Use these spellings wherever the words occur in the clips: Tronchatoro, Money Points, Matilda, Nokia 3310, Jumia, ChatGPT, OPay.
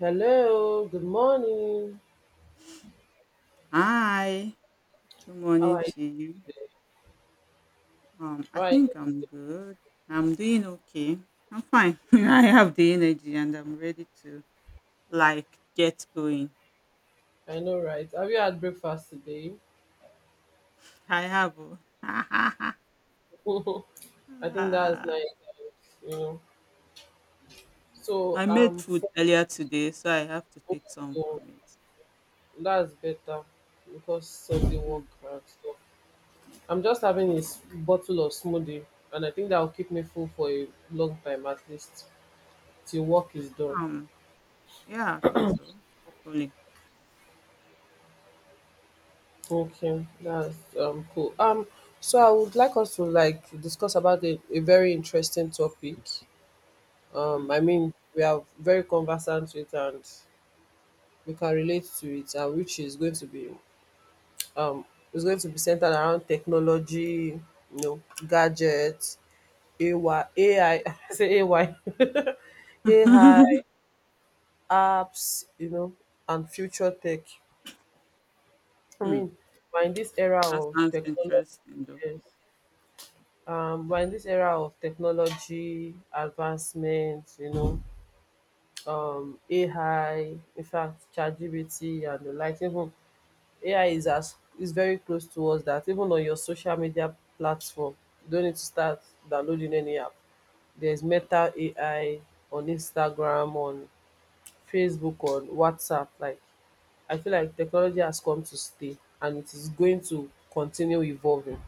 Hello, good morning. Hi, good All morning right, to you. I all right, think I'm good. I'm doing okay. I'm fine. I have the energy and I'm ready to like get going. I know, right? Have you had breakfast today? I have. O. I think that's nice, you know. So, I made um, food for, earlier today, so I have to take some oh, from it. that's better because Sunday work Mm. and stuff. I'm just having a bottle of smoothie, and I think that will keep me full for a long time at least till work is done. Um, yeah, I think so. Hopefully. Okay, that's cool. So I would like us to like discuss about a very interesting topic. um i Mm. mean we are very conversant with and we can relate to it, and which is going to um be centered around technology, you know, gadgets, ay ai say ay ai, apps, you know, and future tech. I Hmm, mean, we're in this era that of sounds technology, interesting, though. yes. We're in this era of technology advancement, you know. AI, in fact, ChatGPT and the like. Even AI is as is very close to us that even on your social media platform, you don't need to start downloading any app. There's Meta AI on Instagram, on Facebook, on WhatsApp. Like I feel like technology has come to stay and it is going to continue evolving.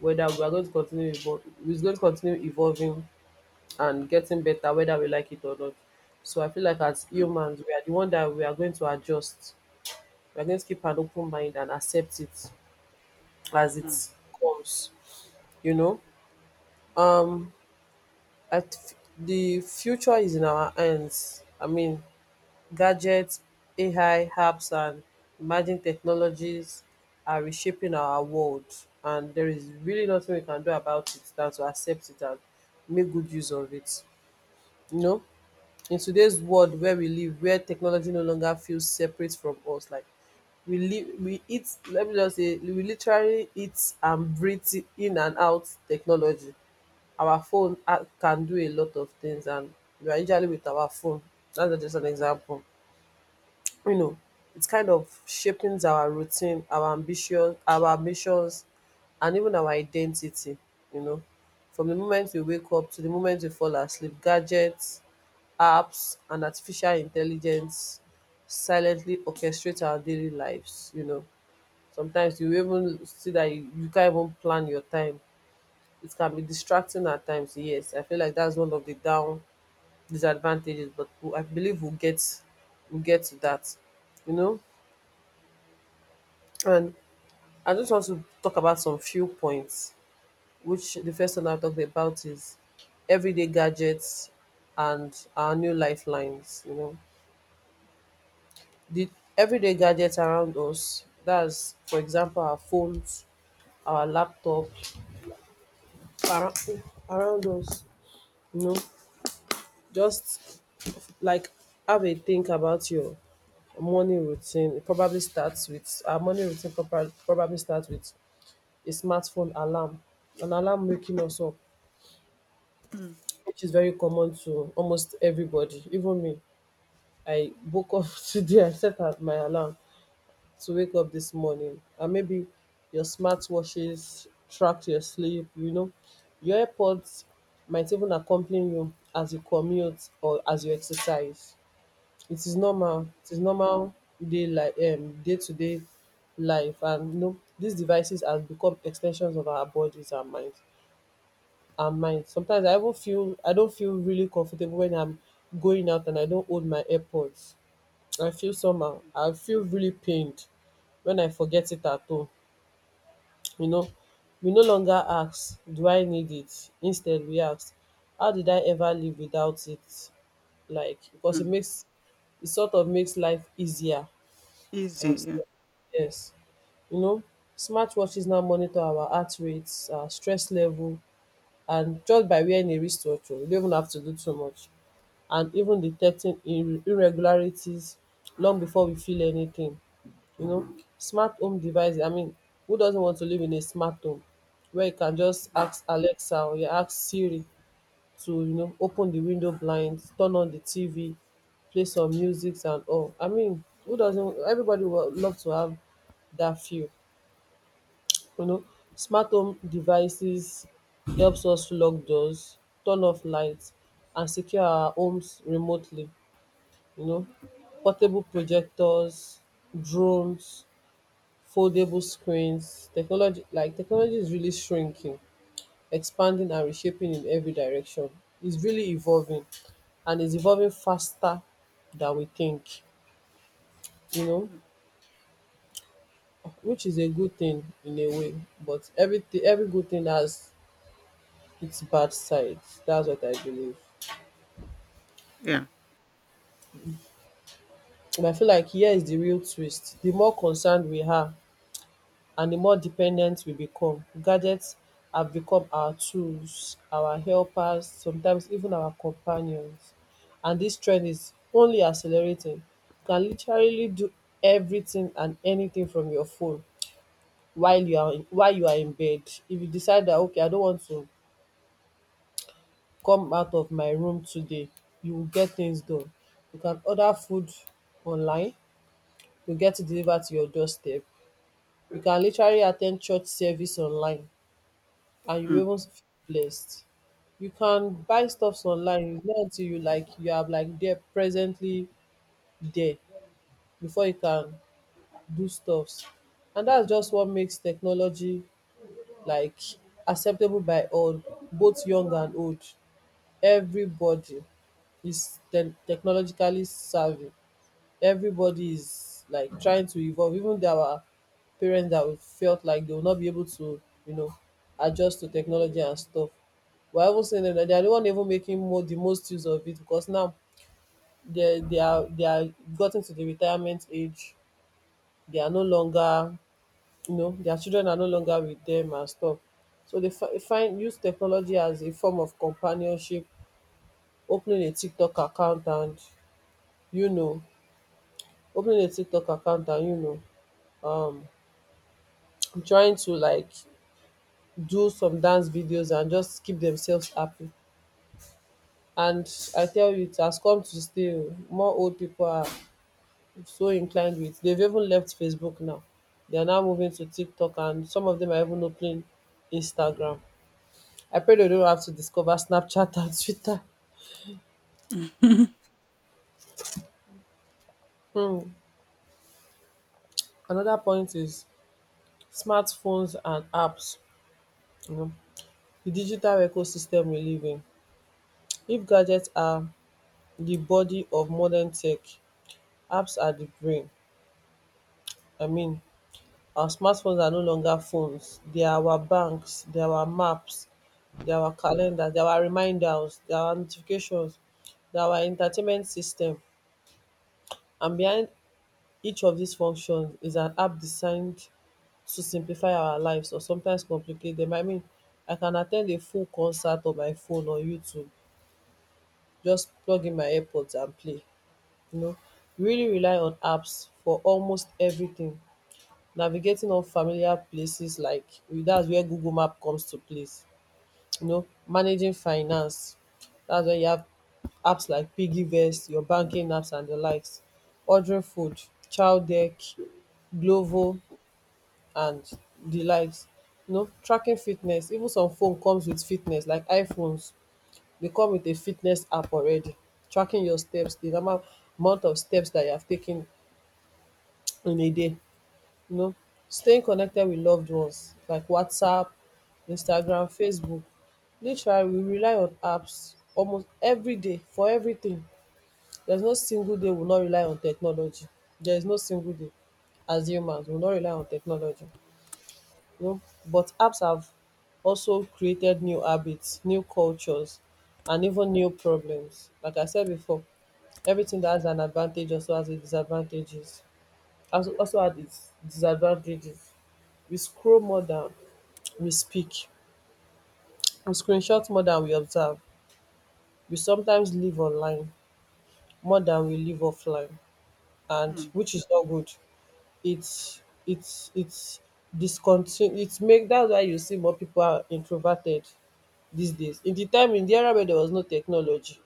Whether we are going to continue evolving, it's going to continue evolving and getting better whether we like it or not. So I feel like as Mm, humans, we are the one that we are going to adjust. We are going to keep an open mind and accept it as it mm, comes. You know, um, at the future is in our hands. I mean, gadgets, AI, apps, and emerging technologies are reshaping our world, and there is really nothing we can do about it than to accept it and make good use of it. You know, in today's world where we live, where technology no longer feels separate from us, like we live, we eat, let me just say we literally eat and breathe it in and out, technology. Our phone ah can do a lot of things, and we are usually with our phone. That's just an example. You know, it kind of shaping our routine, our ambition our ambitions, and even our identity. You know, from the moment we wake up to the moment we fall asleep, gadgets, apps and artificial intelligence silently orchestrate our daily lives, you know. Sometimes you even see that you can't even plan your time. It can be distracting at times. Yes, I feel like that's one of the down disadvantages, but I believe we'll get to that, you know. And I just want to talk about some few points, which the first one I talked about is everyday gadgets and our new lifelines, you know. The everyday gadgets around us, that's for example our phones, our laptop, around, around us, you know. Just like have a think about your morning routine. It probably starts with our morning routine proper- probably starts with a smartphone alarm, an alarm waking us up, mm, which is very common to almost everybody, even me. I woke up today. I my alarm to wake up this morning, and maybe your smartwatches track your sleep, you know. Your airpods might even accompany you as you commute or as you exercise. It is normal, mm, it is normal day, like day to day life. And you know these devices have become extensions of our bodies and minds and mine. Sometimes I even feel I don't feel really comfortable when I'm going out and I don't hold my AirPods. I feel somehow. I feel really pained when I forget it at home. You know, we no longer ask, "Do I need it?" Instead, we ask, "How did I ever live without it?" Like because mm. It sort of makes life easier and Easy. Yeah. stuff. Yes, you know, smartwatches now monitor our heart rates, our stress level, and just by wearing a wristwatch o you don't even have to do too much, and even detecting irregularities long before we feel anything, you know. Smart home devices, I mean, who doesn't want to live in a smart home where you can just Mm, ask Alexa or you ask Siri to, you know, open the window blinds, turn on the TV, play some music and all. I mean, who doesn't? Everybody would love to have that feel, you know. Smart home devices helps us lock doors, turn off lights, and secure our homes remotely. You know, portable projectors, drones, foldable screens. Technology, like technology, is really shrinking, expanding, and reshaping in every direction. It's really evolving, and it's evolving faster than we think. You know, mm, which is a good thing in a way, but everything, every good thing has its bad side. That's what I believe. yeah. And I feel like here is the real twist. The more concerned we are and the more dependent we become, gadgets have become our tools, our helpers, sometimes even our companions. And this trend is only accelerating. You can literally do everything and anything from your phone while while you are in bed. If you decide that okay, I don't want to come out of my room today, you will get things done. You can order food online, you get it delivered to your doorstep. You can literally attend church service online and you Hmm. even feel blessed. You can buy stuffs online. It's not until you are like there presently there before you can do stuffs. And that's just what makes technology like acceptable by all, both young and old. Everybody is technologically savvy. Everybody is like trying to evolve. Even there were parents that would felt like they will not be able to, you know, adjust to technology and stuff. We're even saying that they are the one even making more the most use of it, because now they are gotten to the retirement age. They are no longer, you know, their children are no longer with them and stuff. So they fi- find use technology as a form of companionship, opening a tiktok account and you know opening a tiktok account and, you know, um trying to like do some dance videos and just keep themselves happy. And I tell you, it has come to stay oh. More old people are so inclined with. They've even left Facebook now. They are now moving to TikTok, and some of them are even opening Instagram. I pray they don't have to discover Snapchat and Twitter. Mhm. Hmm. Another point is smartphones and apps, you know, di digital ecosystem we live in. If gadgets are di body of modern tech, apps are di brain. I mean, our smartphones are no longer phones. Dia our banks, dia our maps, dia our calendar, dia our reminders, dia our notifications, dia our entertainment system. And behind each of dis functions is an app designed to simplify our lives or sometimes complicate dem. I mean, I can at ten d a full concert on my phone or YouTube, just plug in my airpods and play. You know, we really rely on apps for almost everything. Navigating unfamiliar places, like that's where Google Map comes to place. You know, managing finance. That's where you have apps like Piggyvest, your banking apps and the likes. Ordering food, Chowdeck, Glovo and the likes. You know, tracking fitness. Even some phone comes with fitness, like iPhones. They come with a fitness app already. Tracking your steps, the number amount of steps that you have taken in a day. You know, staying connected with loved ones like WhatsApp, Instagram, Facebook. Literally, we rely on apps almost every day for everything. There's no single day we will not rely on technology. There is no single day as humans we will not rely on technology. You know, but apps have also created new habits, new cultures, and even new problems. Like I said before, everything that has an advantage also has also had its disadvantages. We scroll more than we speak, we screenshot more than we observe, we sometimes live online more than we live offline, and Mm, which is not good. It's it's discontinu It's make that's why you see more people are introverted these days. In the era where there was no technology,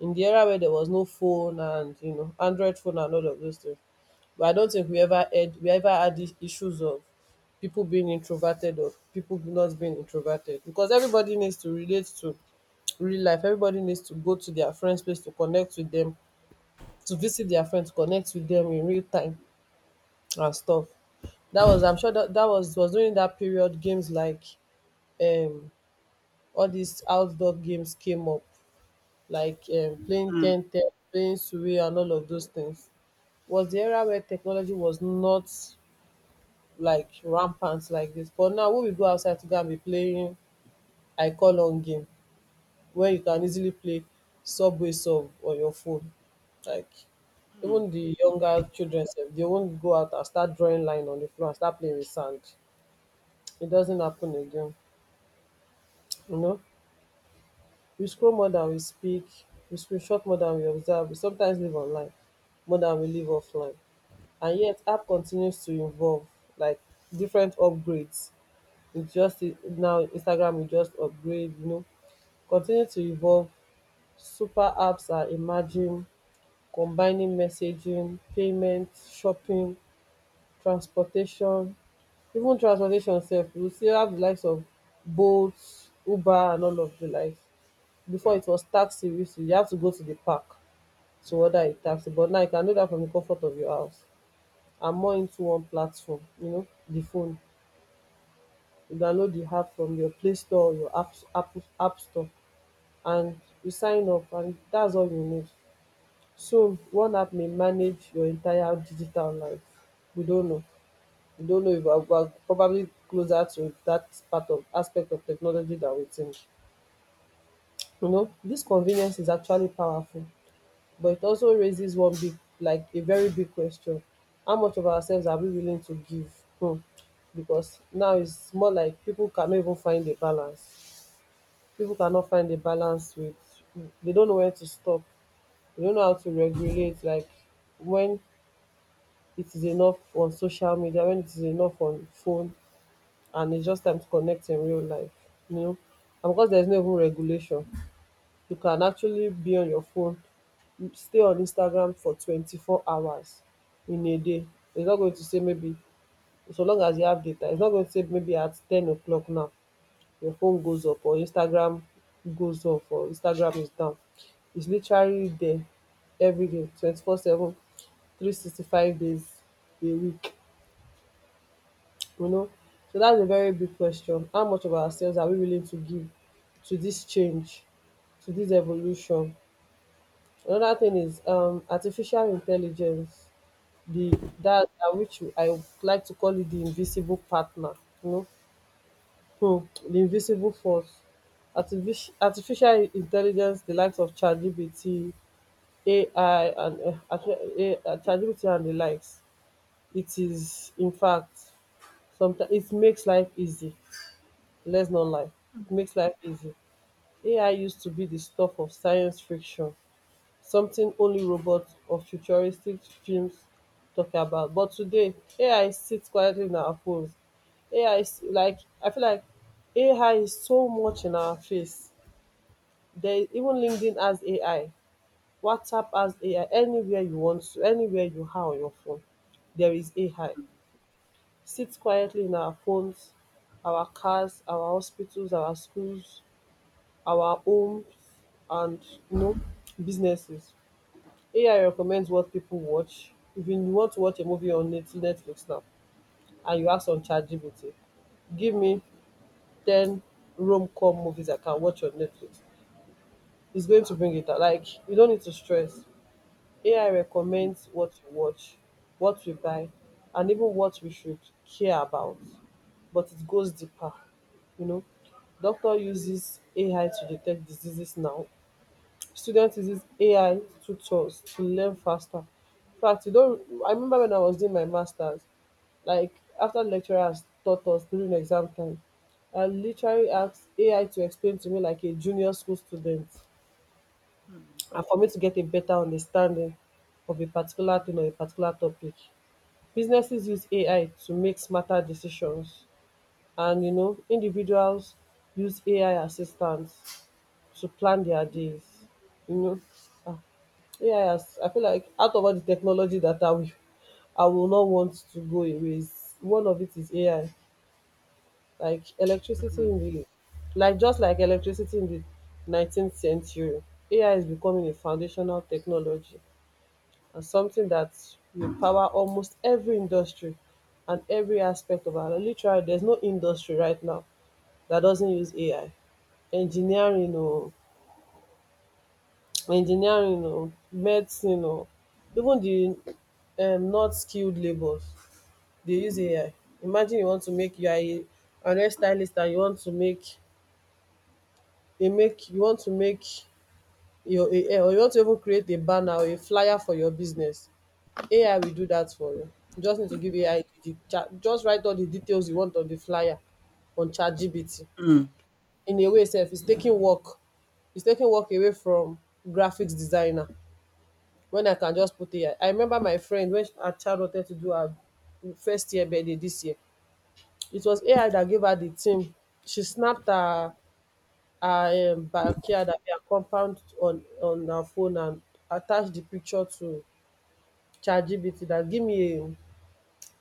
in the era where there was no phone and you know Android phone and all of those things. But I don't think we ever had these issues of people being introverted or people not being introverted, because everybody needs to relate to real life. Everybody needs to go to their friends' place to connect with them, to visit their friends, connect with them in real time and stuff. That was I'm sure that that was during that period, games like, um all these outdoor games came up, like, playing mm, ten ten, playing survey, and all of those things. Was the era where technology was not like rampant like this. But now when we go outside to go and be playing, I call on game where you can easily play subway sub on your phone. Like, mm, even the younger children sef, they won't go out and start drawing line on the floor and start playing with sand. It doesn't happen again. You know? We scroll more than we speak, we screenshot more than we observe, we sometimes live online more than we live offline. And yet, app continues to evolve, like, different upgrades. It just now, Instagram will just upgrade, you know, continue to evolve. Super apps are emerging, combining messaging, payment, shopping, transportation. Even transportation sef, we still have the likes of Bolt, Uber, and all of the likes. Before, it was taxi. We used to, you have to go to the park to order a taxi, but now you can do that from the comfort of your house. Are more into one platform, you know, the phone. You download the app from your Play Store or your app Store, and you sign up, and that's all you need. Soon, one app may manage your entire digital life. We don't know. We don't know if we're probably closer to that part of aspect of technology that we think. You know, this convenience is actually powerful. But it also raises one big, like a very big question. How much of ourselves are we willing to give? Hmm. Because now it's more like people cannot even find a balance. People cannot find a balance with, they don't know where to stop. They don't know how to regulate, like when it is enough on social media, when it is enough on phone, and it's just time to connect in real life, you know. And because there's no even regulation, you can actually be on your phone, stay on Instagram for 24 hours in a day. It's not going to say maybe, so long as you have data, it's not going to say maybe at 10 o'clock now your phone goes up, or Instagram goes off, or Instagram is down. It's literally there every day, 24/7, 365 days a week, you know. So that's a very big question. How much of ourselves are we willing to give to this change, to this evolution? Another thing is artificial intelligence, the that that which I would like to call it the invisible partner, you know, the invisible force. Artificial intelligence, the likes of ChatGPT, AI, and ChatGPT and the likes. It is, in fact, sometimes it makes life easy. Let's not lie, it mm, makes life easy. AI used to be the stuff of science fiction, something only robots or futuristic films talk about. But today, AI sits quietly in our phones. AI is like, I feel like AI is so much in our face. There is even LinkedIn as AI, WhatsApp as AI, anywhere you want to, anywhere you have on your phone, there is AI. Sits quietly in our phones, our cars, our hospitals, our schools, our homes, and, you know, businesses. AI recommends what people watch. If you want to watch a movie on Netflix now and you ask on ChatGPT, give me 10 rom com movies I can watch on Netflix, it's going to bring it out. Like, you don't need to stress. AI mm, recommends what you watch, what we buy, and even what we should care about. But it goes deeper, you know. Doctor uses AI to detect diseases now, students uses AI tutors to learn faster. In fact, you don't I remember when I was doing my masters, like after lecturers taught us during exam time, I literally asked AI to explain to me like a junior school student, mm, and for me to get a better understanding of a particular thing or a particular topic. Businesses use AI to make smarter decisions, and, you know, individuals use AI assistants to plan their days. You know, ah, yes, I feel like out of all the technology that I will not want to go away, one of it is AI. Like electricity mm, in the, like just like electricity in the 19th century, AI is becoming a foundational technology and something that will power almost every industry and every aspect of our life. Literally, there's no industry right now that doesn't use AI. Engineering, or engineering or medicine or even the not skilled labours, they use AI. Imagine you want to make you are a an hairstylist and you want to make your a hair, or you want to even create a banner or a flyer for your business, AI will do that for you. You just need to give AI the chat, just write all the details you want on the flyer on ChatGPT. mm. In a way self, it's taking work away from graphics designer, when I can just put AI. I remember my friend when her child wanted to do her first year birthday this year. It was AI that gave her the theme. She snapped her backyard, her compound on her phone and attached the picture to ChatGPT, that give me a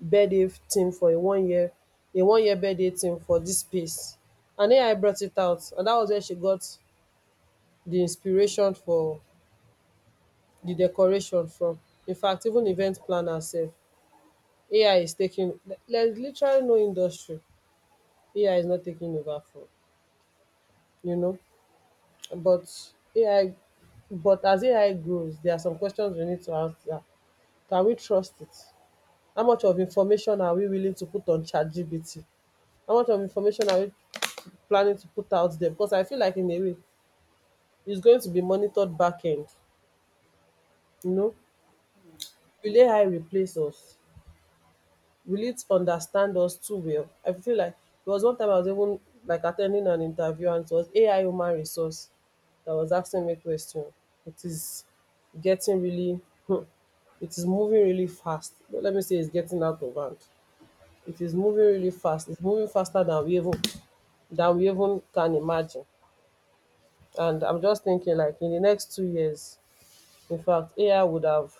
birthday theme for a 1 year birthday theme for this space. And AI brought it out, and that was where she got the inspiration for the decoration from. In fact, even event planner herself, AI is taking, there's literally no industry AI is not taking over for, you know. But AI, but as AI grows, there are some questions we need to answer. Can we trust it? How much of information are we willing to put on ChatGPT? How much of information are we planning to put out there? Because I feel like in a way it's going to be monitored back end, you know. Mm. Will AI replace us? Relate, understand us too well. I feel like there was one time I was even like attending an interview, and it was AI human resource that was asking me question. It is getting really hmm, it is moving really fast. Let me say it's getting out of hand. It is moving really fast. It's moving faster than we even can imagine. And I'm just thinking like in the next 2 years, in fact, AI would have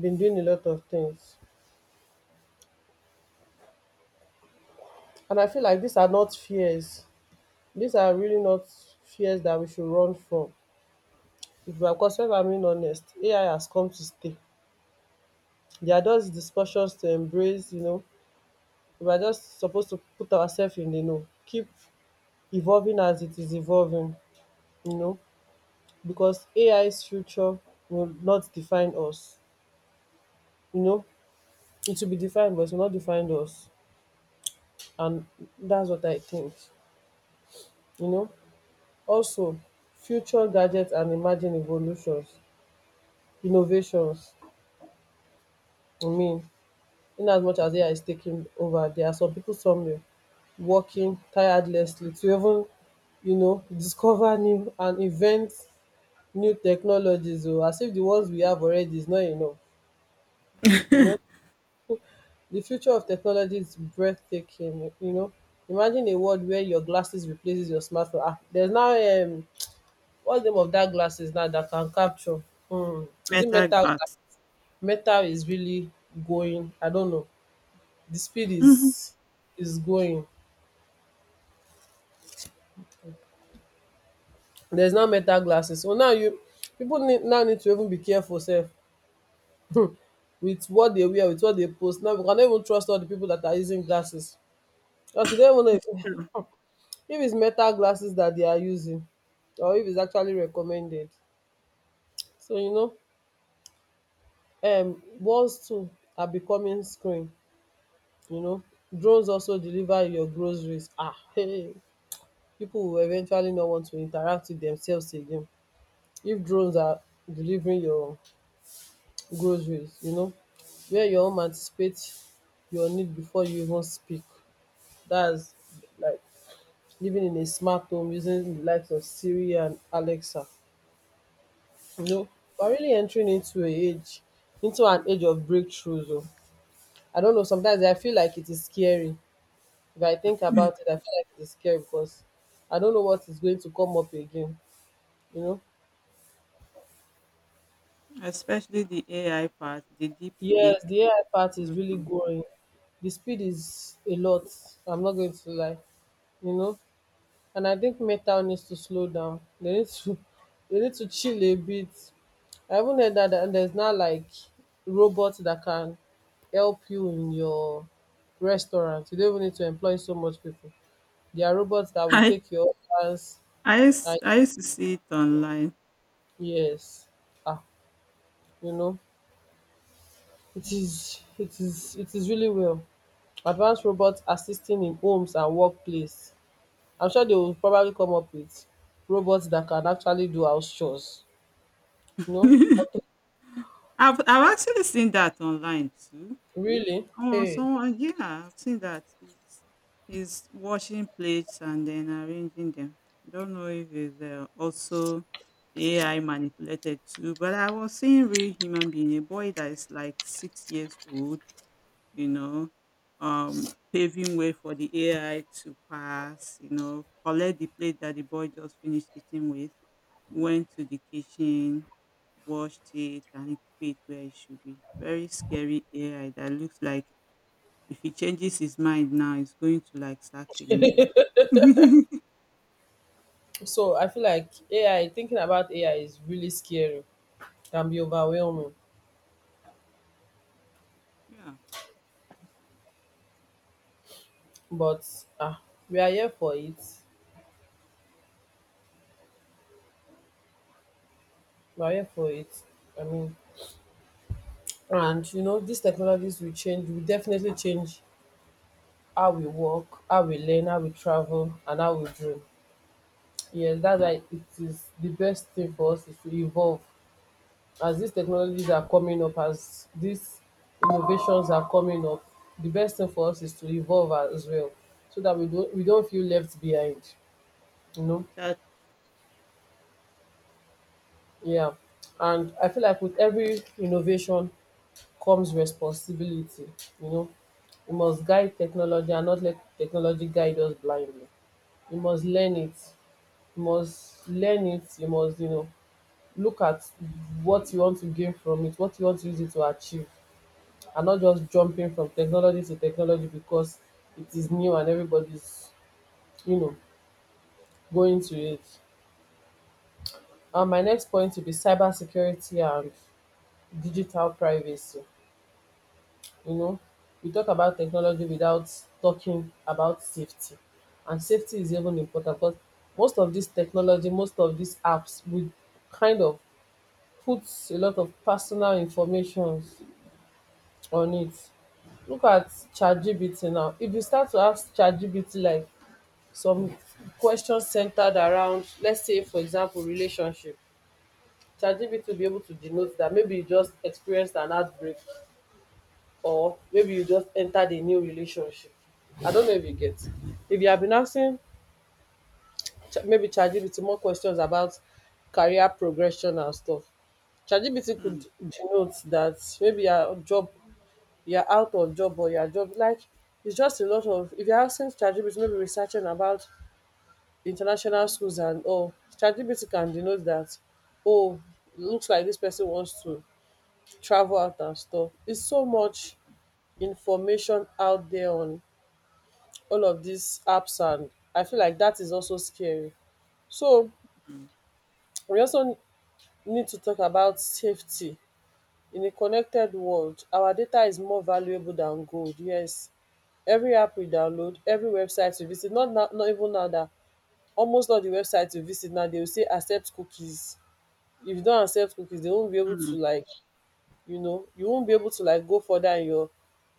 been doing a lot of things. And I feel like these are not fears. These are really not fears that we should run from. If we are concerned, I'm being honest, AI has come to stay. They are just discussions to embrace, you know. We are just supposed to put ourselves in the know, keep evolving as it is evolving, you know, because AI's future will not define us, you know. It will be defined, but it will not define us. And that's what I think, you know. Also, future gadgets and emerging evolutions, innovations, I mean, in as much as AI is taking over, there are some people somewhere working tirelessly to even, you know, discover new and invent new technologies, or as if the ones we have already is not enough. You know, the future of technology is breathtaking. You know, imagine a world where your glasses replaces your smartphone. Ah, there's now what's the name of that glasses now that can capture? Hmm, is it Meta Metal? glass. Metal is really going. I don't know. The speed Mhm, is going. There's now Metal glasses. So now you people need, now need to even be careful self with what they wear, with what they post. Now we cannot even trust all the people that are using glasses. Because you don't even know if, true. if it's Metal glasses that they are using, or if it's actually recommended. So, you know, walls too are becoming screen, you know. Drones also deliver your groceries. Ah, hey, people will eventually not want to interact with themselves again if drones are delivering your groceries, you know, where your home anticipate your need before you even speak. That's like living in a smart home using the likes of Siri and Alexa. You know, we're really entering into an age of breakthroughs. Oh. I don't know. Sometimes I feel like it is scary. If I think about it, I feel like it is scary because I don't know what is going to come up again. You know, Especially the AI part, the deep yes, fake. the AI part is Those really ones. growing. The speed is a lot. I'm not going to lie. You know, and I think Metal needs to slow down. They need to they need to chill a bit. I even heard that there's not like robots that can help you in your restaurant. You don't even need to employ so much people. There are robots that will I take your orders I used and I used to see it online. yes. Ah, you know, it is really well. Advanced robots assisting in homes and workplace. I'm sure they will probably come up with robots that can actually do house chores. You know, I've actually seen that online too. Really? Oh, Hey. someone, yeah, I've seen that. He's washing plates and then arranging them. I don't know if it's also AI manipulated too, but I was seeing real human being, a boy that is like 6 years old, you know, paving way for the AI to pass, collect the plate that the boy just finished eating with, went to the kitchen, washed it, and it fit where it should be. Very scary AI that looks like if he changes his mind now, he's going to like start killing people. So I feel like AI, thinking about AI is really scary, can be overwhelming, Yeah, but ah, we are here for it. We are here for it. I mean, and these technologies will change, will definitely change how we work, how we learn, how we travel, and how we dream. Yes, that's why it is the best thing for us is to evolve. As these technologies are coming up, as these innovations are coming up, the best thing for us is to evolve as well, so that we don't feel left behind. You know, exactly. yeah. And I feel like with every innovation comes responsibility. You know, we must guide technology and not let technology guide us blindly. You must learn it. You must learn it. You must, look at what you want to gain from it, what you want to use it to achieve. And not just jumping from technology to technology, because it is new and everybody's, you know, going to it. And my next point will be cybersecurity and digital privacy. You know, we talk about technology without talking about safety. And safety is even important, because most of this technology, most of these apps would kind of put a lot of personal information on it. Look at ChatGPT now. If you start to ask ChatGPT like some questions centered around, let's say for example, relationship, ChatGPT will be able to denote that maybe you just experienced an outbreak, or maybe you just entered a new relationship. I don't know if you get. If you have been asking maybe ChatGPT more questions about career progression and stuff, ChatGPT Mm, could denote that maybe your job, you're out of job, or your job, like, it's just a lot of, if you're asking ChatGPT maybe researching about international schools and all, ChatGPT can denote that, oh, looks like this person wants to travel out and stuff. It's so much information out there on all of these apps, and I feel like that is also scary. So mm, we also need to talk about safety. In a connected world, our data is more valuable than gold. Yes, every app we download, every website we visit, not now, not even now that almost all the websites we visit now, they will say accept cookies. If you don't accept cookies, they won't be able to mm, like, you won't be able to like go further in your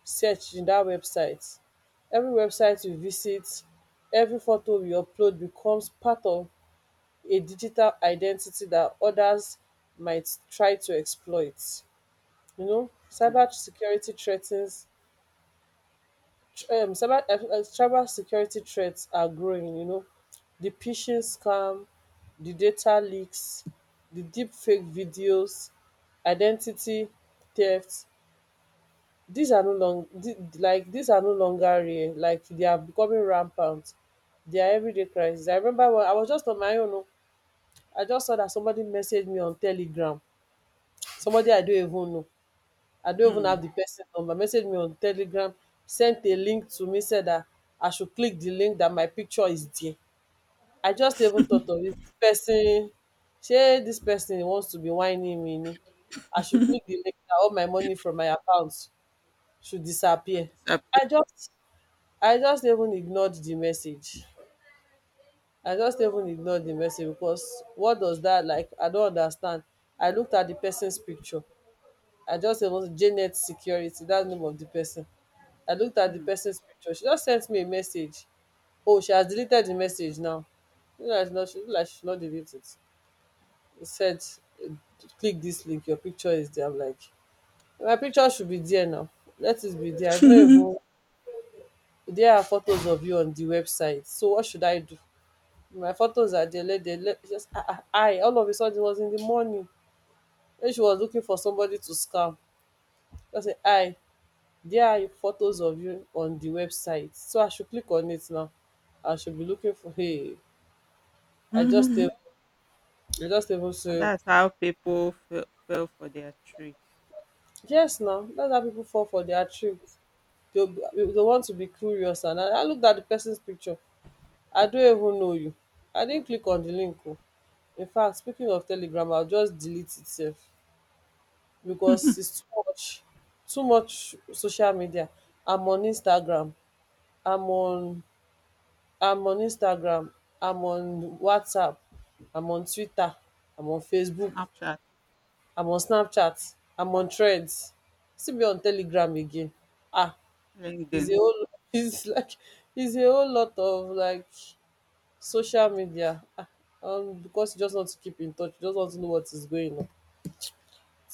search in that website. Every website you visit, every photo you upload becomes part of a digital identity that others might try to exploit. You know, mm, cyber security threats are growing. The phishing scam, the data leaks, the deep fake videos, identity theft, these are no long the like these are no longer rare, like they are becoming rampant. They are everyday crisis. I remember when I was just on my own, oh, I just saw that somebody messaged me on Telegram, somebody I don't even know. I don't even have mm. the person number, message me on Telegram, sent a link to me, said that I should click the link that my picture is there. I just even thought of it. This person, shey this person wants to be whining me ni. I should click the link that all my money from my account should To disappear. I disappear. just I just even ignored the message. I just even ignored the message, because what does that like? I don't understand. I looked at the person's picture. I just It was Janet Security, that's the name of the person. I looked at the Mm. person's picture. She just sent me a message. Oh, she has deleted the message now. Not, she, like she should not delete it. It said, eh, click this link. Your picture is there. I'm like, my picture should be there now. Let it be there. I don't even. There are photos of you on the website. So what should I do? My photos are there. Let, they, let just I. All of a sudden, it was in the morning. Then she was looking for somebody to scam. I said, I. There are photos of you on the website. So I should click on it now. I should be looking for, hey. I just a- Mhm. I just able And to. that's how people fell for their trick. Yes now, that's how people fall for their tricks. They they want to be curious, and I looked at the person's picture. I don't even know you. I didn't click on the link. Oh. In fact, speaking of Telegram, I'll just delete itself, because it's too much, too much social media. I'm on Instagram. I'm on I'm on Instagram, I'm on WhatsApp, I'm on Twitter, I'm on Facebook, Snapchat, I'm on Snapchat, I'm on Threads. Still be on Telegram again? Ah. it's a LinkedIn. whole it's like it's a whole lot of like social media. Because you just want to keep in touch, you just want to know what is going on.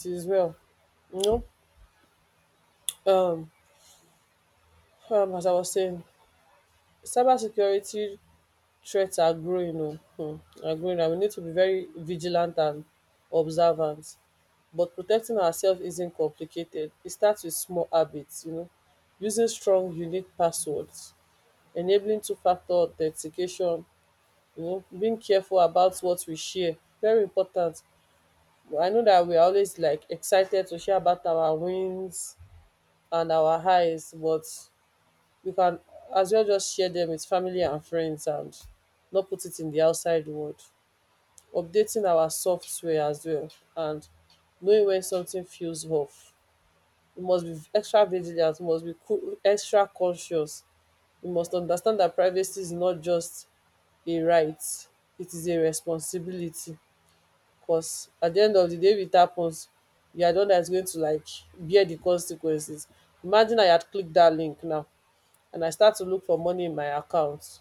It is well, you know um as I was saying, cyber security threats are growing, and we need to be very vigilant and observant. But protecting ourselves isn't complicated. It starts with small habits, using strong, unique passwords, enabling two factor authentication, being careful about what we share. Very important. I know that we're always like excited to share about our wins and our highs, but we can as well just share them with family and friends, and not put it in the outside world. Updating our software as well, and knowing when something feels off, you must be extra vigilant, you must be extra cautious. You must understand that privacy is not just a right, it is a responsibility. Because at the end of the day, if it happens, you are the one that's going to like bear the consequences. Imagine I had clicked that link now, and I start to look for money in my account.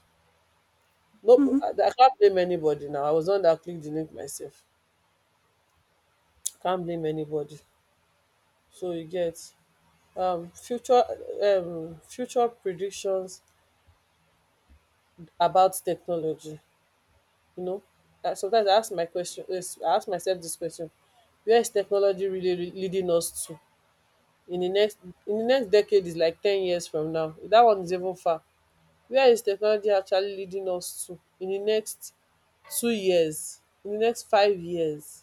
Nope, Mhm. I can't blame anybody now. I was the one that clicked the link myself. Can't blame anybody. So you get um future future predictions about technology. You know, that sometimes I ask myself this question: where is technology really leading us to, in the next in the next decade, is like 10 years from now? That one is even far. Where is technology actually leading us to in the next 2 years, in the next 5 years?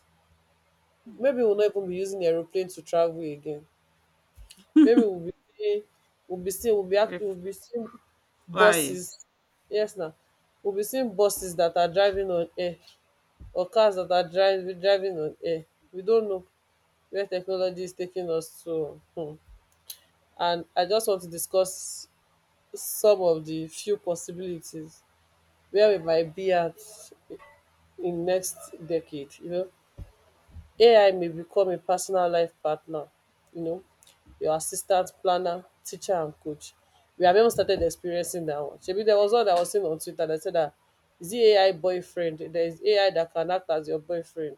Maybe Mm. we'll not even be using aeroplane to travel again. Maybe They're we'll be seeing flying. buses. Yes now, we'll be seeing buses that are driving on air, or cars that are drive driving on air. We don't know where technology is taking us to. And I just want to discuss some of the few possibilities where we might be at in next decade. AI may become a personal life partner, you know, your assistant, planner, teacher, and coach. We have even started experiencing that one. Shebi, there was one that was seen on Twitter that said that, is it AI boyfriend? There is AI that can act as your boyfriend.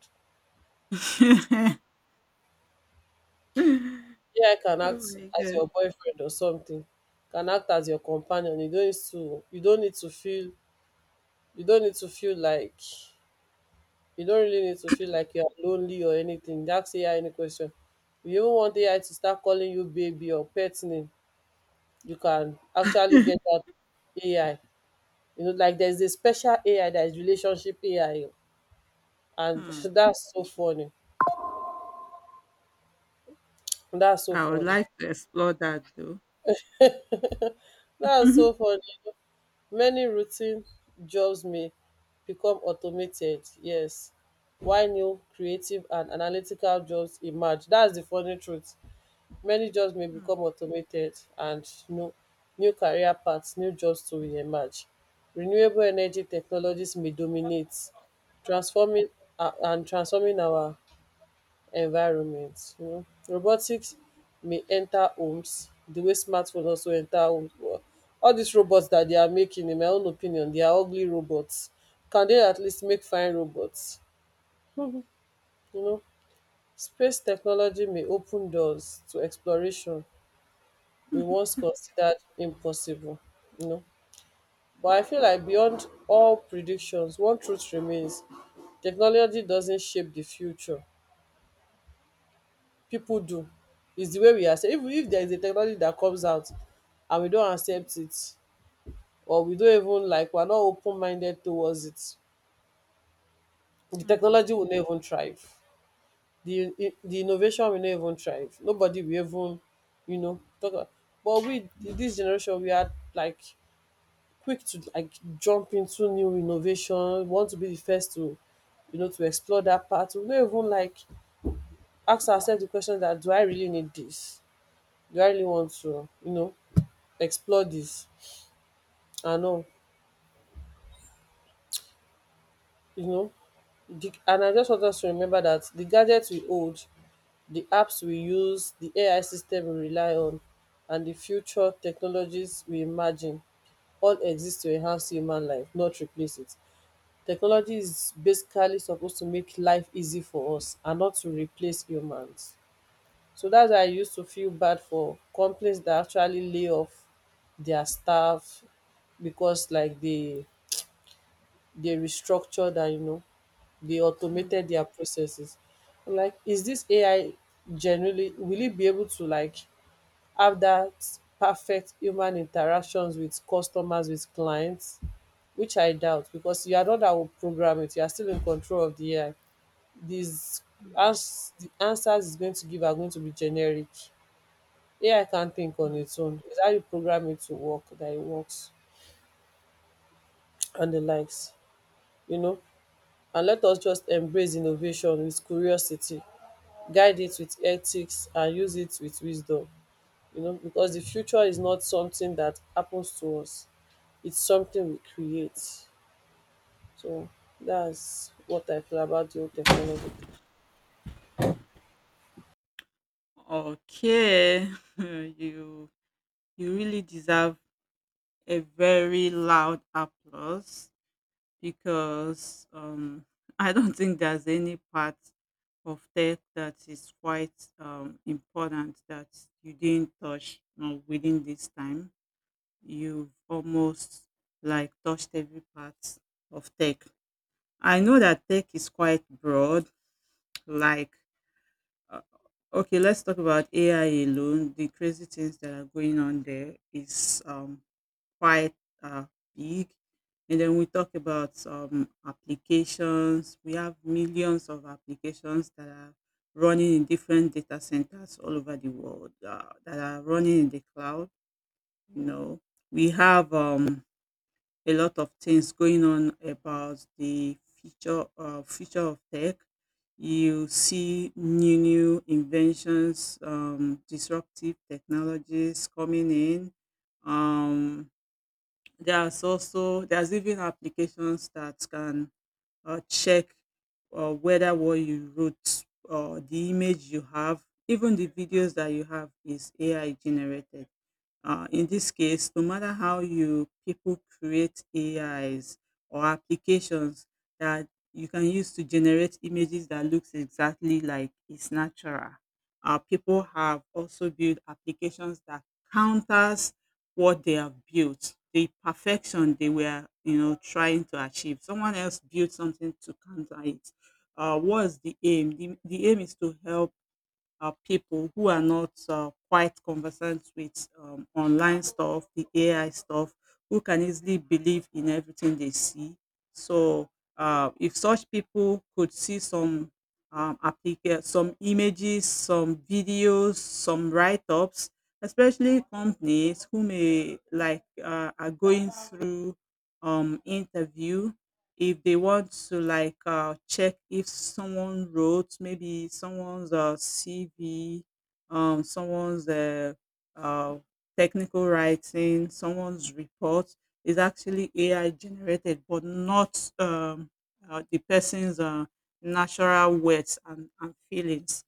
Oh AI can act my as god. your boyfriend or something, can act as your companion. You don't need to you don't need to feel you don't need to feel like you don't really need to feel like you're lonely or anything. Ask AI any question. If you even want AI to start calling you baby or pet name, you can actually get that AI. Like there's a special AI that is relationship AI, and Hmm. that's so funny. That's so I would funny. like to explore that though. That's so funny. Many routine jobs may become automated, yes, while new creative and analytical jobs emerge. That is the funny truth. Many jobs may become automated, and new career paths, new jobs too, will emerge. Renewable energy technologies may dominate, transforming transforming our environment. Robotics may enter homes the way smartphone also enter homes. But all these robots that they are making, in my own opinion, they are ugly robots. Can they at least make fine robots? You know, Space technology may open doors to exploration we once considered impossible. You know, but I feel like beyond all predictions, one truth remains: technology doesn't shape the future; people do. It's the way we accept. If there is a technology that comes out and we don't accept it, or we don't even like we're not open minded towards it, the Mm, mm, technology will not even thrive. The the innovation will not even thrive, nobody will even, you know, talk about. But we this generation, we are like quick to like jump into new innovation, want to be the first to, you know, to explore that part. We no even like ask ourselves the question that do I really need this? Do I really want to, you know, explore this? And all, you know, the and I just want us to remember that the gadgets we hold, the apps we use, the AI system we rely on, and the future technologies we imagine all exist to enhance human life, not replace it. Technology is basically supposed to make life easy for us and not to replace humans. So that's why I used to feel bad for companies that actually lay off their staff, because like they restructured and, you know, they mm, automated their processes. I'm like, is this AI generally will it be able to like have that perfect human interactions with customers, with clients? Which I doubt, because you are not that will program it, you are still in control of the AI. These mm, the answers it's going to give are going to be generic. AI can't think on mm. its own, it's how you program it to work that it works, and the likes, you know. And let us just embrace innovation with curiosity, guide it with ethics and use it with wisdom, you know, because the future is not something that happens to us, it's something we create. So that's what I feel about the whole technology. Okay. You you really deserve a very loud applause because I don't think there's any part of tech that is quite important that you didn't touch, within this time. You've almost like touched every part of tech. I know that tech is quite broad, like, Uh, okay, let's talk about AI alone. The crazy things that are going on there is quite uh, big. And then we talk about applications. We have millions of applications that are running in different data centers all over the world, that are running in the cloud. You know, we have a lot of things going on about the future of tech. You see new inventions, disruptive technologies coming in. Um, there's even applications that can check whether what you wrote or the image you have, even the videos that you have is AI generated. In this case, no matter how you people create AIs or applications that you can use to generate images that looks exactly like it's natural. People have also built applications that counters what they have built, the perfection they were, trying to achieve. Someone else built something to counter it. What's the aim? The aim is to help people who are not quite conversant with online stuff, the AI stuff, who can easily believe in everything they see. So, if such people could see some some images, some videos, some write-ups, especially companies who may like are going through interview if they want to like check if someone wrote maybe someone's CV, someone's uh, technical writing, someone's report is actually AI generated, but not the person's natural words and feelings.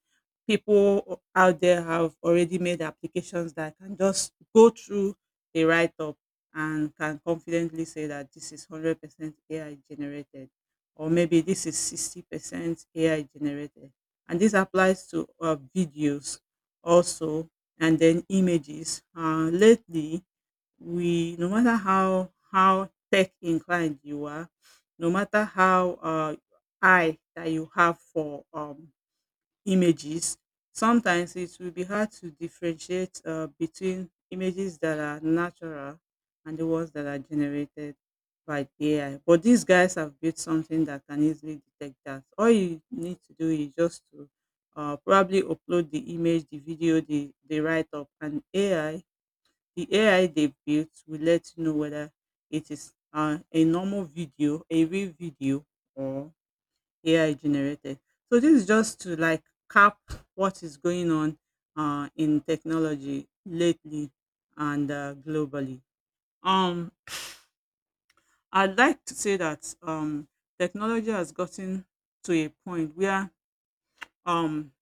People out there have already made applications that can just go through the write up and can confidently say that this is 100% AI generated, or maybe this is 60% AI generated. And this applies to videos also, and then images. Lately, we no matter how tech inclined you are, no matter how eye that you have for images, sometimes it will be hard to differentiate between images that are natural and the ones that are generated by the AI. But these guys have built something that can easily detect that. All you need to do is just to probably upload the image, the video, the write up, and AI, the AI they built will let you know whether it is a normal video, a real video, or AI generated. So this is just to like cap what is going on in technology lately and globally. Um, I'd like to say that technology has gotten to a point where, um,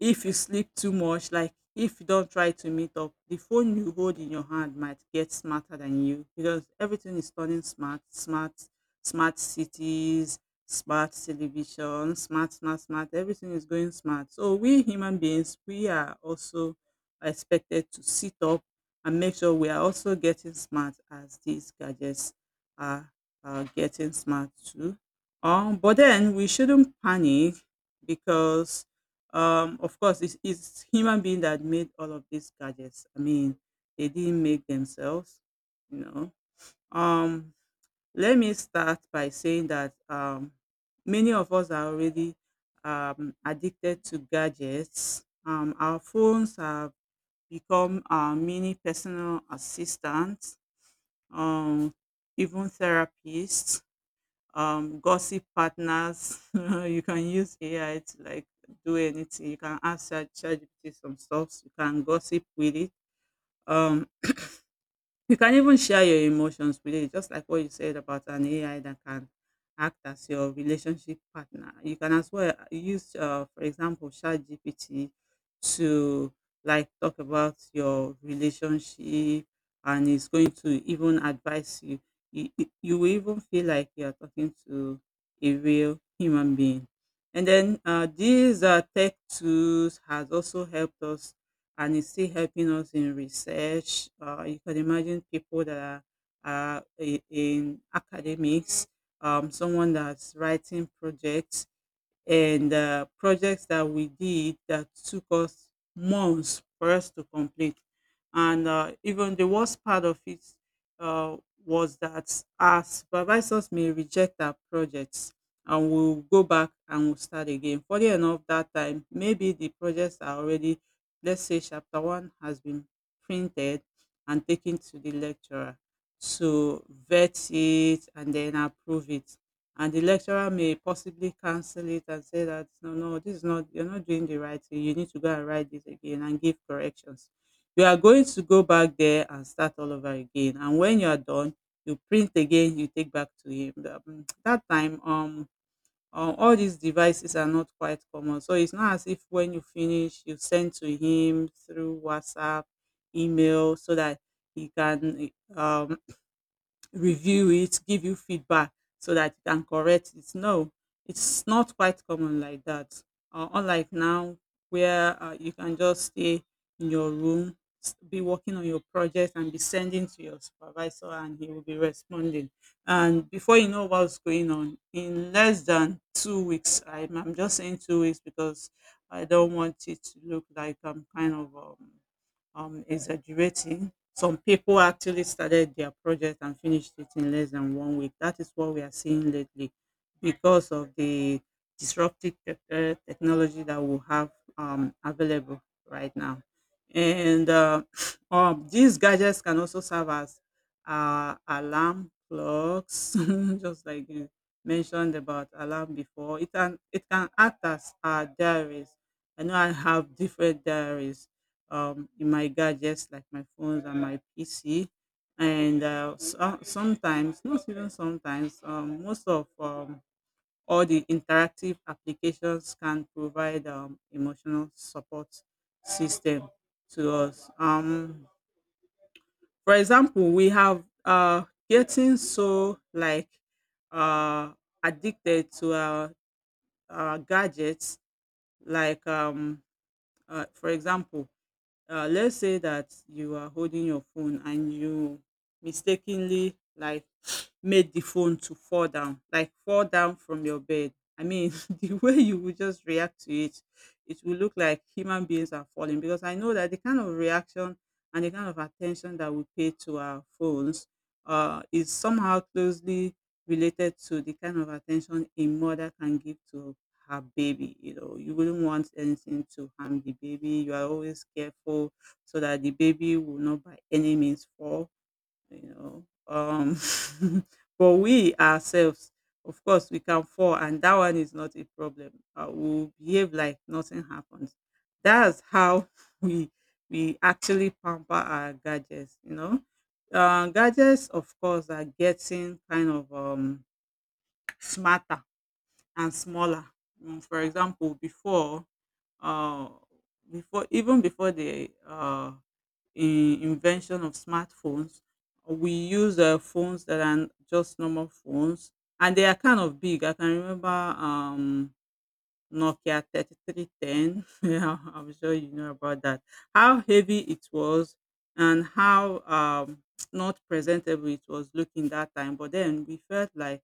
if you sleep too much, like if you don't try to meet up, the phone you hold in your hand might get smarter than you, because everything is turning smart, smart, smart cities, smart television, smart, smart, smart, everything is going smart. So we human beings, we are also expected to sit up and make sure we are also getting smart as these gadgets are, are getting smart too. But then we shouldn't panic because, of course, it's human being that made all of these gadgets. I mean, they didn't make themselves. you know um Let me start by saying that many of us are already addicted to gadgets. Our phones have become our mini personal assistants, um even therapists, gossip partners. You can use AI to like do anything. You can ask ChatGPT some stuff. You can gossip with it. Um, you can even share your emotions with it, just like what you said about an AI that can act as your relationship partner. You can as well use, for example, ChatGPT to like talk about your relationship, and it's going to even advise you. You will even feel like you are talking to a real human being. And then these tech tools has also helped us, and it's still helping us in research. You can imagine people that are in academics, someone that's writing projects, and projects that we did that took us months for us to complete. And even the worst part of it uh, was that our supervisors may reject our projects, and we'll go back and we'll start again. Funny enough, that time, maybe the projects are already, let's say, chapter one has been printed and taken to the lecturer to vet it and then approve it, and the lecturer may possibly cancel it and say that no no, this is not you're not doing the right thing, you need to go and write this again and give corrections. You are going to go back there and start all over again, and when you are done you print again, you take back to him. That time, all these devices are not quite common, so it's not as if when you finish you send to him through WhatsApp email so that he can review it, give you feedback so that you can correct it. No, it's not quite common like that. Unlike now, where you can just stay in your room, be working on your project, and be sending to your supervisor, and he will be responding. And before you know what's going on, in less than 2 weeks, I'm just saying 2 weeks because I don't want it to look like I'm kind of exaggerating. Some people actually started their project and finished it in less than one week. That is what we are seeing lately because of the disruptive technology that we have available right now. And these gadgets can also serve as alarm clocks, just like you mentioned about alarm before. It can act as diaries. I know I have different diaries in my gadgets like my phones and my PC. And so, sometimes, not even sometimes, most of all the interactive applications can provide emotional support system to us. For example, we have getting so like uh, addicted to our gadgets, like, for example, let's say that you are holding your phone and you mistakenly like made the phone to fall down from your bed. I mean, the way you would just react to it, it will look like human beings are falling, because I know that the kind of reaction and the kind of attention that we pay to our phones is somehow closely related to the kind of attention a mother can give to her baby. You know, you wouldn't want anything to harm the baby. You are always careful so that the baby will not by any means fall. You know, um, but we ourselves, of course, we can fall, and that one is not a problem. We'll behave like nothing happened. That's how we we actually pamper our gadgets. You know, gadgets, of course, are getting kind of smarter and smaller. For example, before, uh, before even before the invention of smartphones, we use phones that are just normal phones, and they are kind of big. I can remember um, Nokia 3310. Yeah, I'm sure you know about that. How heavy it was and how not presentable it was looking that time. But then we felt like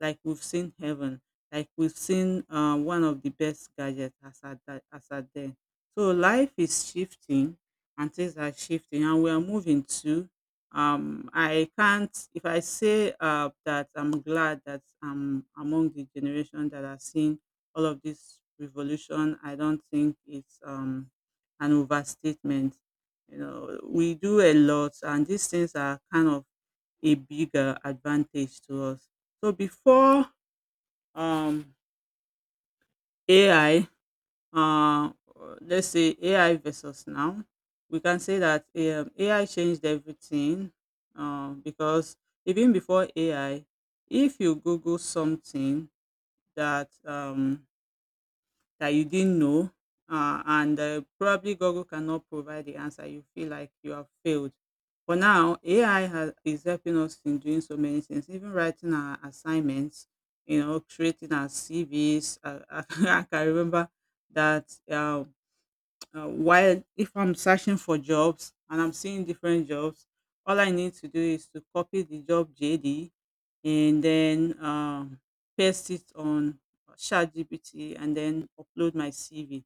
like we've seen heaven, like we've seen one of the best gadgets as at that, as at then. So life is shifting and things are shifting and we are moving to I can't, if I say that I'm glad that I'm among the generation that are seeing all of this revolution. I don't think it's an overstatement. You know, we do a lot, and these things are kind of a bigger advantage to us. So before um, AI, uh, let's say AI versus now. We can say that AI changed everything, because even before AI, if you Google something that um, that you didn't know, and probably Google cannot provide the answer, you feel like you have failed. But now AI is helping us in doing so many things, even writing our assignments, you know, creating our CVs. I can remember that while if I'm searching for jobs and I'm seeing different jobs, all I need to do is to copy the job JD and then paste it on ChatGPT and then upload my CV.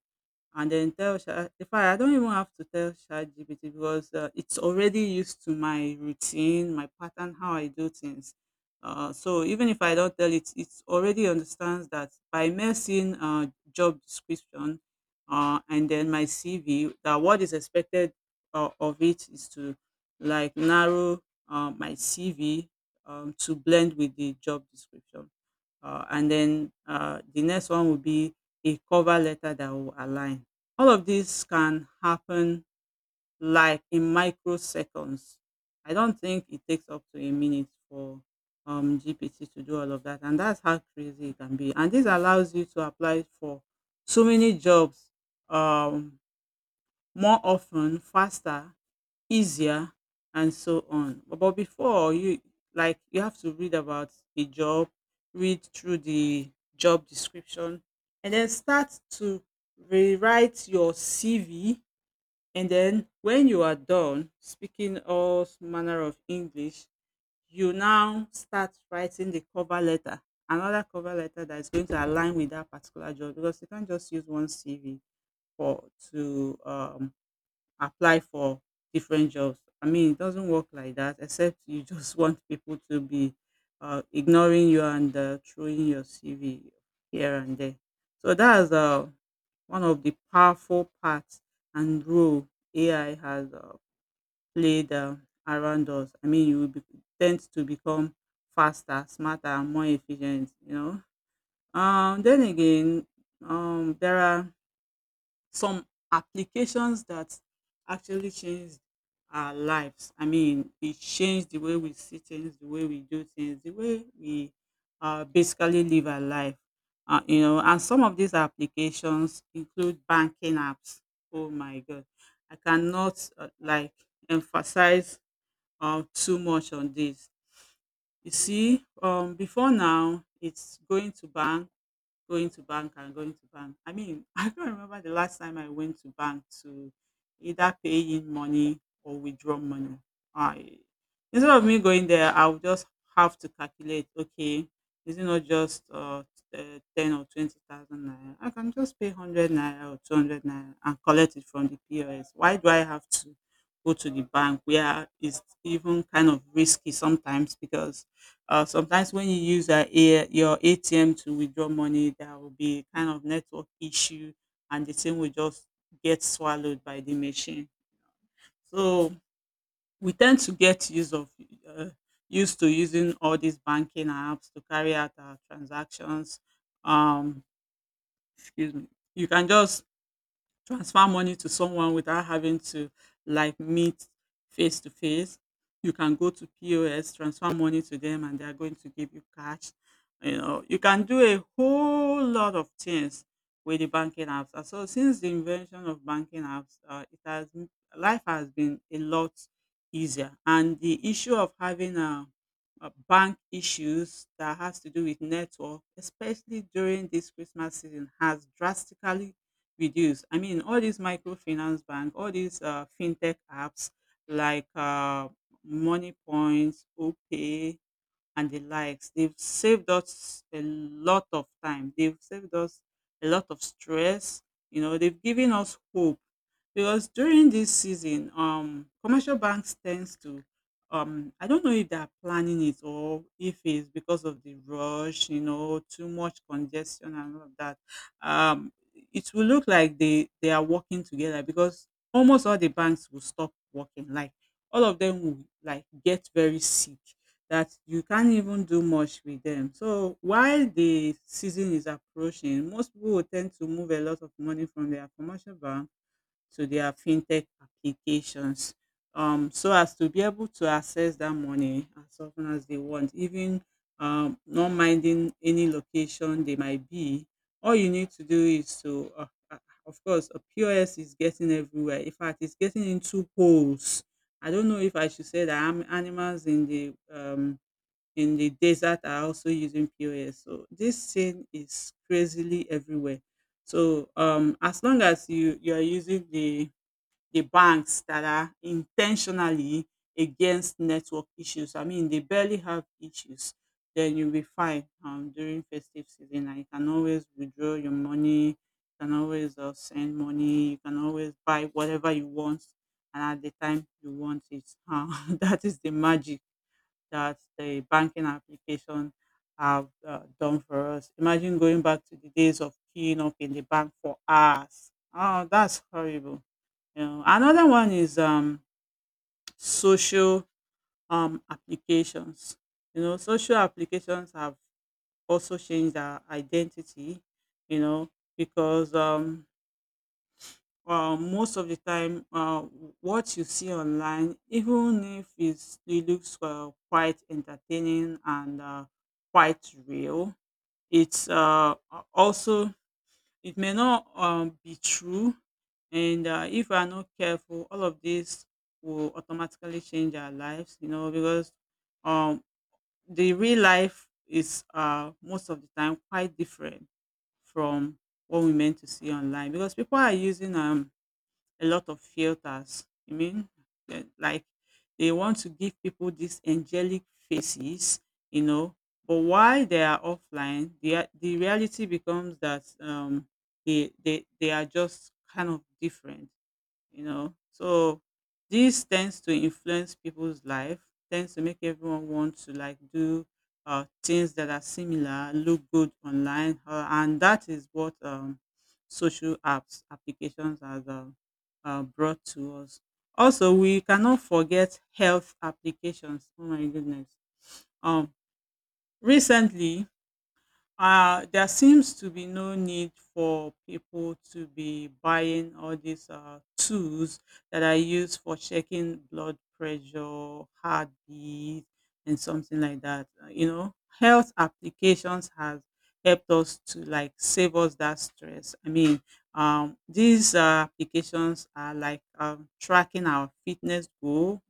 And then tell Sha, in fact I don't even have to tell ChatGPT because it's already used to my routine, my pattern, how I do things. So even if I don't tell it, it already understands that by mere seeing job description and then my CV, that what is expected of it is to like narrow my CV, to blend with the job description. And then the next one will be a cover letter that will align. All of this can happen like in microseconds. I don't think it takes up to a minute for GPT to do all of that. And that's how crazy it can be. And this allows you to apply for so many jobs, um, more often, faster, easier and so on. But before, you like you have to read about a job, read through the job description, and then start to rewrite your CV. And then when you are done speaking all manner of English, you now start writing the cover letter, another cover letter that is going to align with that particular job, because you can't just use one CV for, to apply for different jobs. I mean, it doesn't work like that, except you just want people to be ignoring you and throwing your CV here and there. So that's one of the powerful parts and role AI has played around us. I mean, you will be, tend to become faster, smarter, and more efficient. You know. Then again, there are some applications that actually changed our lives. I mean, it changed the way we see things, the way we do things, the way we basically live our life. You know, and some of these applications include banking apps. Oh my God, I cannot like emphasize too much on this. You see, before now, it's going to bank. Going to bank and going to bank. I mean, I can't remember the last time I went to bank to either pay in money or withdraw money. I, instead of me going there, I would just have to calculate. Okay, is it not just 10 or 20,000 naira? I can just pay 100 naira or 200 naira and collect it from the POS. Why do I have to go to the bank, where it's even kind of risky sometimes? Because sometimes when you use your ATM to withdraw money, there will be kind of network issue, and the thing will just get swallowed by the machine. So we tend to get use of uh, used to using all these banking apps to carry out our transactions. Um, excuse me. You can just transfer money to someone without having to like meet face to face. You can go to POS, transfer money to them, and they are going to give you cash. You know, you can do a whole lot of things with the banking apps. And so, since the invention of banking apps, it has life has been a lot easier. And the issue of having a bank issues that has to do with network, especially during this Christmas season, has drastically reduce. I mean, all these microfinance bank, all these fintech apps like Money Points, OPay, and the likes. They've saved us a lot of time. They've saved us a lot of stress. You know, they've given us hope because during this season, commercial banks tends to, I don't know if they are planning it or if it's because of the rush, you know, too much congestion and all of that. Um, it will look like they are working together because almost all the banks will stop working. Like all of them will like get very sick that you can't even do much with them. So while the season is approaching, most people will tend to move a lot of money from their commercial bank to their fintech applications, so as to be able to access that money as often as they want, even not minding any location they might be. All you need to do is to, of course, a POS is getting everywhere. In fact, it's getting into holes. I don't know if I should say that I'm animals in the desert are also using POS. So this scene is crazily everywhere. So as long as you are using the banks that are intentionally against network issues, I mean they barely have issues, then you'll be fine during festive season. And you can always withdraw your money. You can always send money. You can always buy whatever you want, and at the time you want it. That is the magic that the banking application have done for us. Imagine going back to the days of queuing up in the bank for hours. Oh, that's horrible. You know, another one is social applications. You know, social applications have also changed our identity. You know, because most of the time what you see online, even if it looks quite entertaining and quite real, it's also it may not be true. And If we are not careful, all of this will automatically change our lives, you know. Because um, the real life is, most of the time, quite different from what we meant to see online, because people are using a lot of filters. I mean, like they want to give people these angelic faces, you know. But while they are offline, the the reality becomes that, they are just kind of different, you know. So this tends to influence people's life, tends to make everyone want to like do things that are similar, look good online, and that is what social apps applications has brought to us. Also, we cannot forget health applications. Oh my goodness! Um, recently there seems to be no need for people to be buying all these tools that are used for checking blood pressure, heartbeat, and something like that. You know, health applications has helped us to like save us that stress. I mean, these applications are like tracking our fitness goal,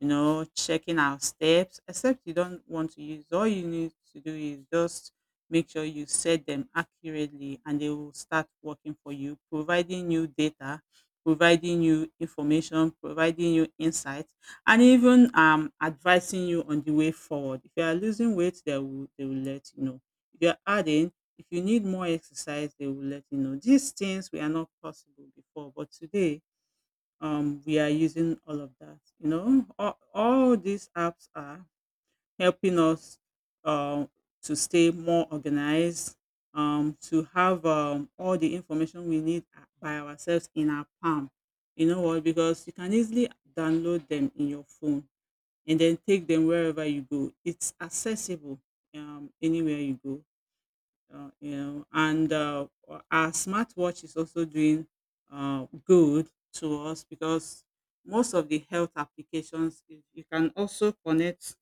you know, checking our steps, except you don't want to use. All you need to do is just make sure you set them accurately and they will start working for you, providing you data, providing you information, providing you insight, and even advising you on the way forward. If you are losing weight, they will let you know. If you are adding, if you need more exercise, they will let you know. These things were not possible before, but today we are using all of that. You know, all these apps are helping us um, to stay more organized, to have all the information we need by ourselves in our palm. You know what? Because you can easily download them in your phone and then take them wherever you go. It's accessible anywhere you go. You know, and our smartwatch is also doing good to us because most of the health applications you can also connect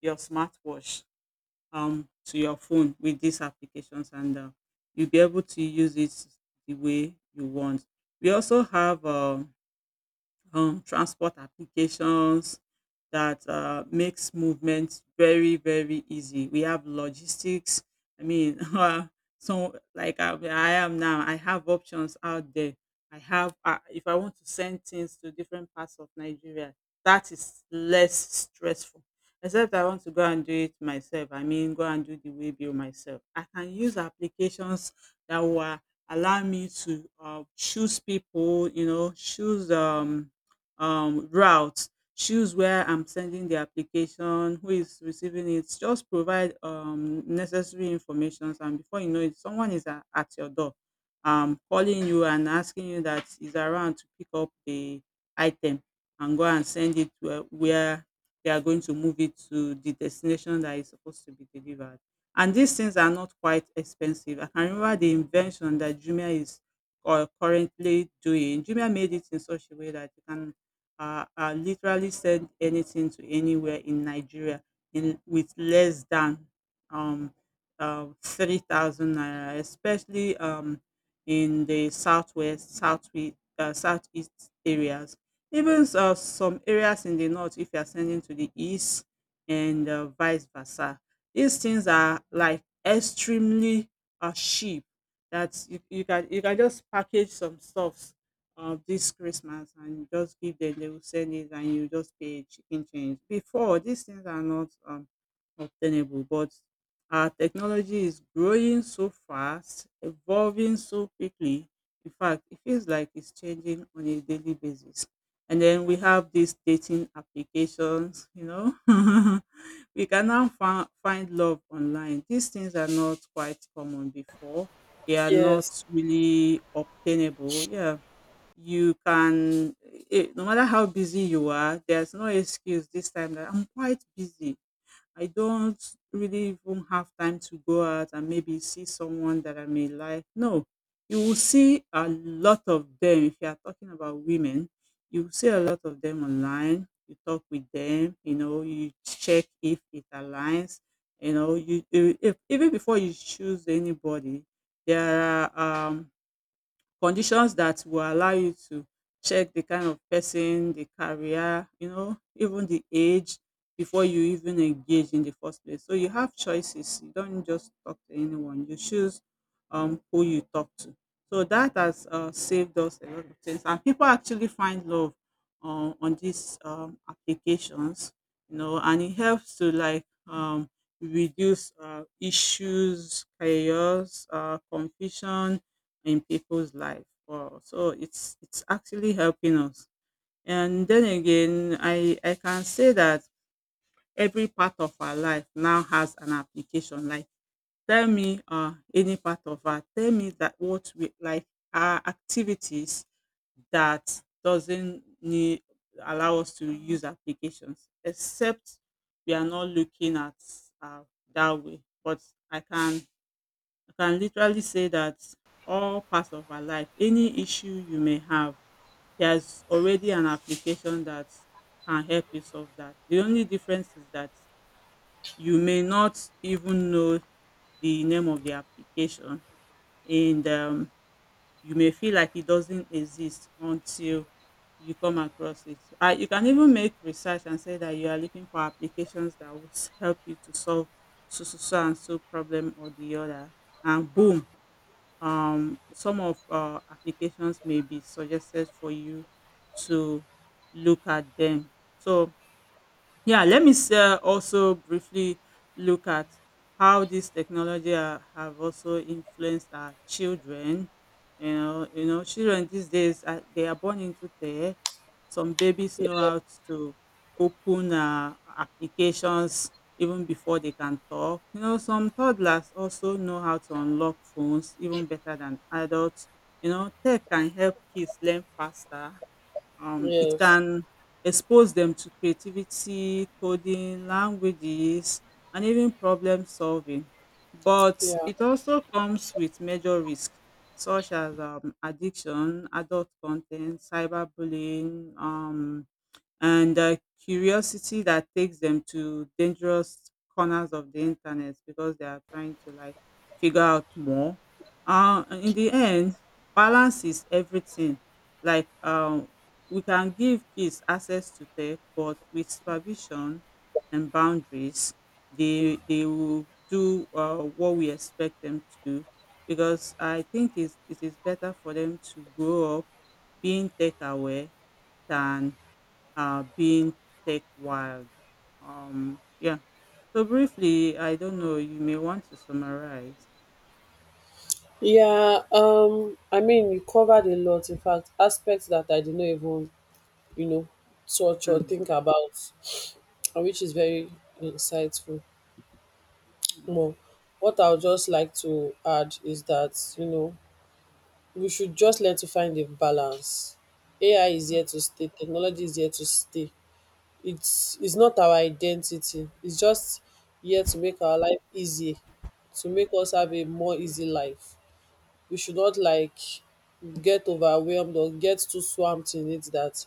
your smartwatch to your phone with these applications and you'll be able to use it the way you want. We also have transport applications that makes movement very very easy. We have logistics. I mean, so like I am now, I have options out there. I have if I want to send things to different parts of Nigeria, that is less stressful. Except I want to go and do it myself. I mean, go and do the way bill myself. I can use applications that will allow me to choose people. You know, choose route, choose where I'm sending the application, who is receiving it, just provide necessary information, and before you know it someone is at your door, calling you and asking you that is around to pick up the item and go and send it to, where they are going to move it to the destination that is supposed to be delivered. And these things are not quite expensive. I can remember the invention that Jumia is currently doing. Jumia made it in such a way that you can are literally send anything to anywhere in Nigeria in with less than um, 3,000 naira, especially in the southwest, southeast areas. Even some areas in the north, if you are sending to the east and vice versa, these things are like extremely cheap. That you can just package some stuff of this Christmas and you just give them, they will send it and you just pay a chicken change. Before, these things are not obtainable, but our technology is growing so fast, evolving so quickly. In fact, it feels like it's changing on a daily basis. And then we have these dating applications, you know. We can now find love online. These things are not quite common before. They are not Yes. really obtainable. Yeah, you can it, no matter how busy you are, there's no excuse this time that I'm quite busy, I don't really even have time to go out and maybe see someone that I may like. No, you will see a lot of them. If you are talking about women, you will see a lot of them online, you talk with them, you know, you check if it aligns, you know, if, even before you choose anybody, there are conditions that will allow you to check the kind of person, the career, you know, even the age, before you even engage in the first place. So you have choices. You don't just talk to anyone. You choose who you talk to. So that has saved us a lot of things. And people actually find love on these applications, you know, and it helps to like reduce issues, chaos, confusion, in people's life. Wow. So it's actually helping us. And then again, I can say that every part of our life now has an application. Like tell me any part of our, tell me that what we like, our activities, that doesn't need, allow us to use applications, except we are not looking at uh, that way. But I can, I can literally say that all parts of our life, any issue you may have, there's already an application that can help you solve that. The only difference is that you may not even know the name of the application and you may feel like it doesn't exist until you come across it. You can even make research and say that you are looking for applications that will help you to solve so, so, so and so problem or the other. And boom, some of applications may be suggested for you to look at them. So yeah, let me also briefly look at how this technology have also influenced our children. You know, children these days they are born into tech. Some babies ye- know how to open applications even before they can talk. You know, some toddlers also know how to unlock phones even better than adults. You know, tech can help kids learn faster, it yes. can expose them to creativity, coding, languages, and even problem solving. But Yeah. it also comes with major risks, such as addiction, adult content, cyberbullying, and curiosity that takes them to dangerous corners of the internet because they are trying to like figure out more. And in the end, balance is everything. Like we can give kids access to tech, but with supervision and boundaries, they will do what we expect them to do. Because I think it is better for them to grow up being tech aware than being tech wild. Yeah. So briefly, I don't know. You may want to summarize. Yeah, I mean, you covered a lot, in fact aspects that I did not even, you know, touch or Hmm. think about and which is very insightful Hmm. more. What I would just like to add is that, you know, we should just learn to find a balance. AI is Hmm. here to stay, technology is here to stay. It's not our identity. It's just here to make our life easy, to make us have a more easy life. We should not like get overwhelmed or get too swamped in it that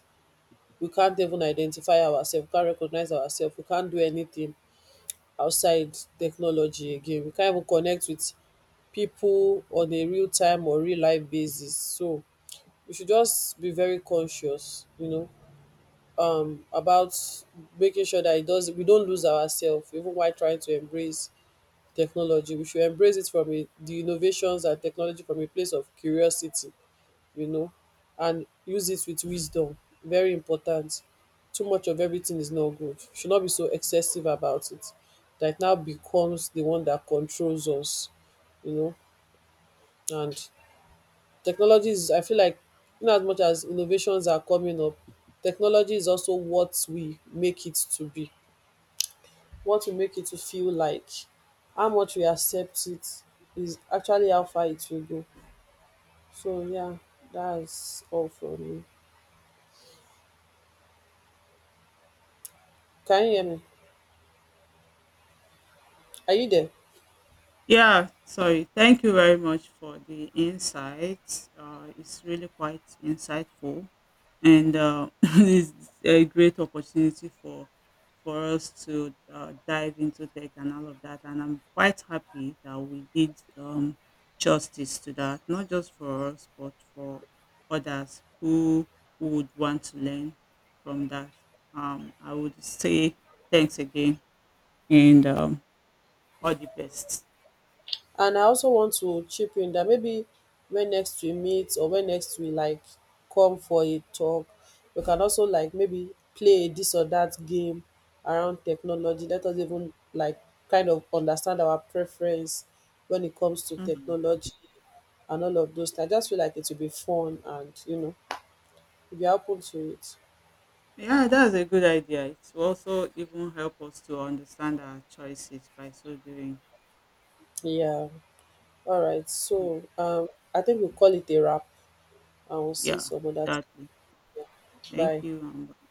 we can't even identify ourselves, can't recognize ourselves, we can't do anything outside technology again. We can't even connect with people on a real time or real life basis. So we should just be very conscious, you know, about making sure that it does we don't lose ourselves even while trying to embrace technology. We should embrace it from a, the innovations and technology from a place of curiosity, you know, and use it with wisdom. Very important. Too much of everything is not good. We should not be so excessive about it. That it now becomes the one that controls us, you know, and technology is, I feel like, in as much as innovations are coming up, technology is also what we make it to be, what we make it to feel like. How much we accept it is actually how far it will go. So, yeah, that's all from me. Can you hear me? Are you there? Yeah, sorry. Thank you very much for the insights. It's really quite insightful, and it's a great opportunity for us to dive into tech and all of that. And I'm quite happy that we did justice to that, not just for us, but for others who would want to learn from that. I would say thanks again, and all the best. And I also want to chip in that maybe when next we meet or when next we like come for a talk, we can also like maybe play a this or that game around technology. Let us even like kind of understand our preference when it comes to Mhm. technology and all of those things. I just feel like it will be fun and, you know, if you're open to it. Yeah, that's a good idea. It will also even help us to understand our choices by so doing. Yeah. All right. Mm. So I think we'll call it a wrap and we'll see Yeah, some other time. exactly. Thank Bye. you.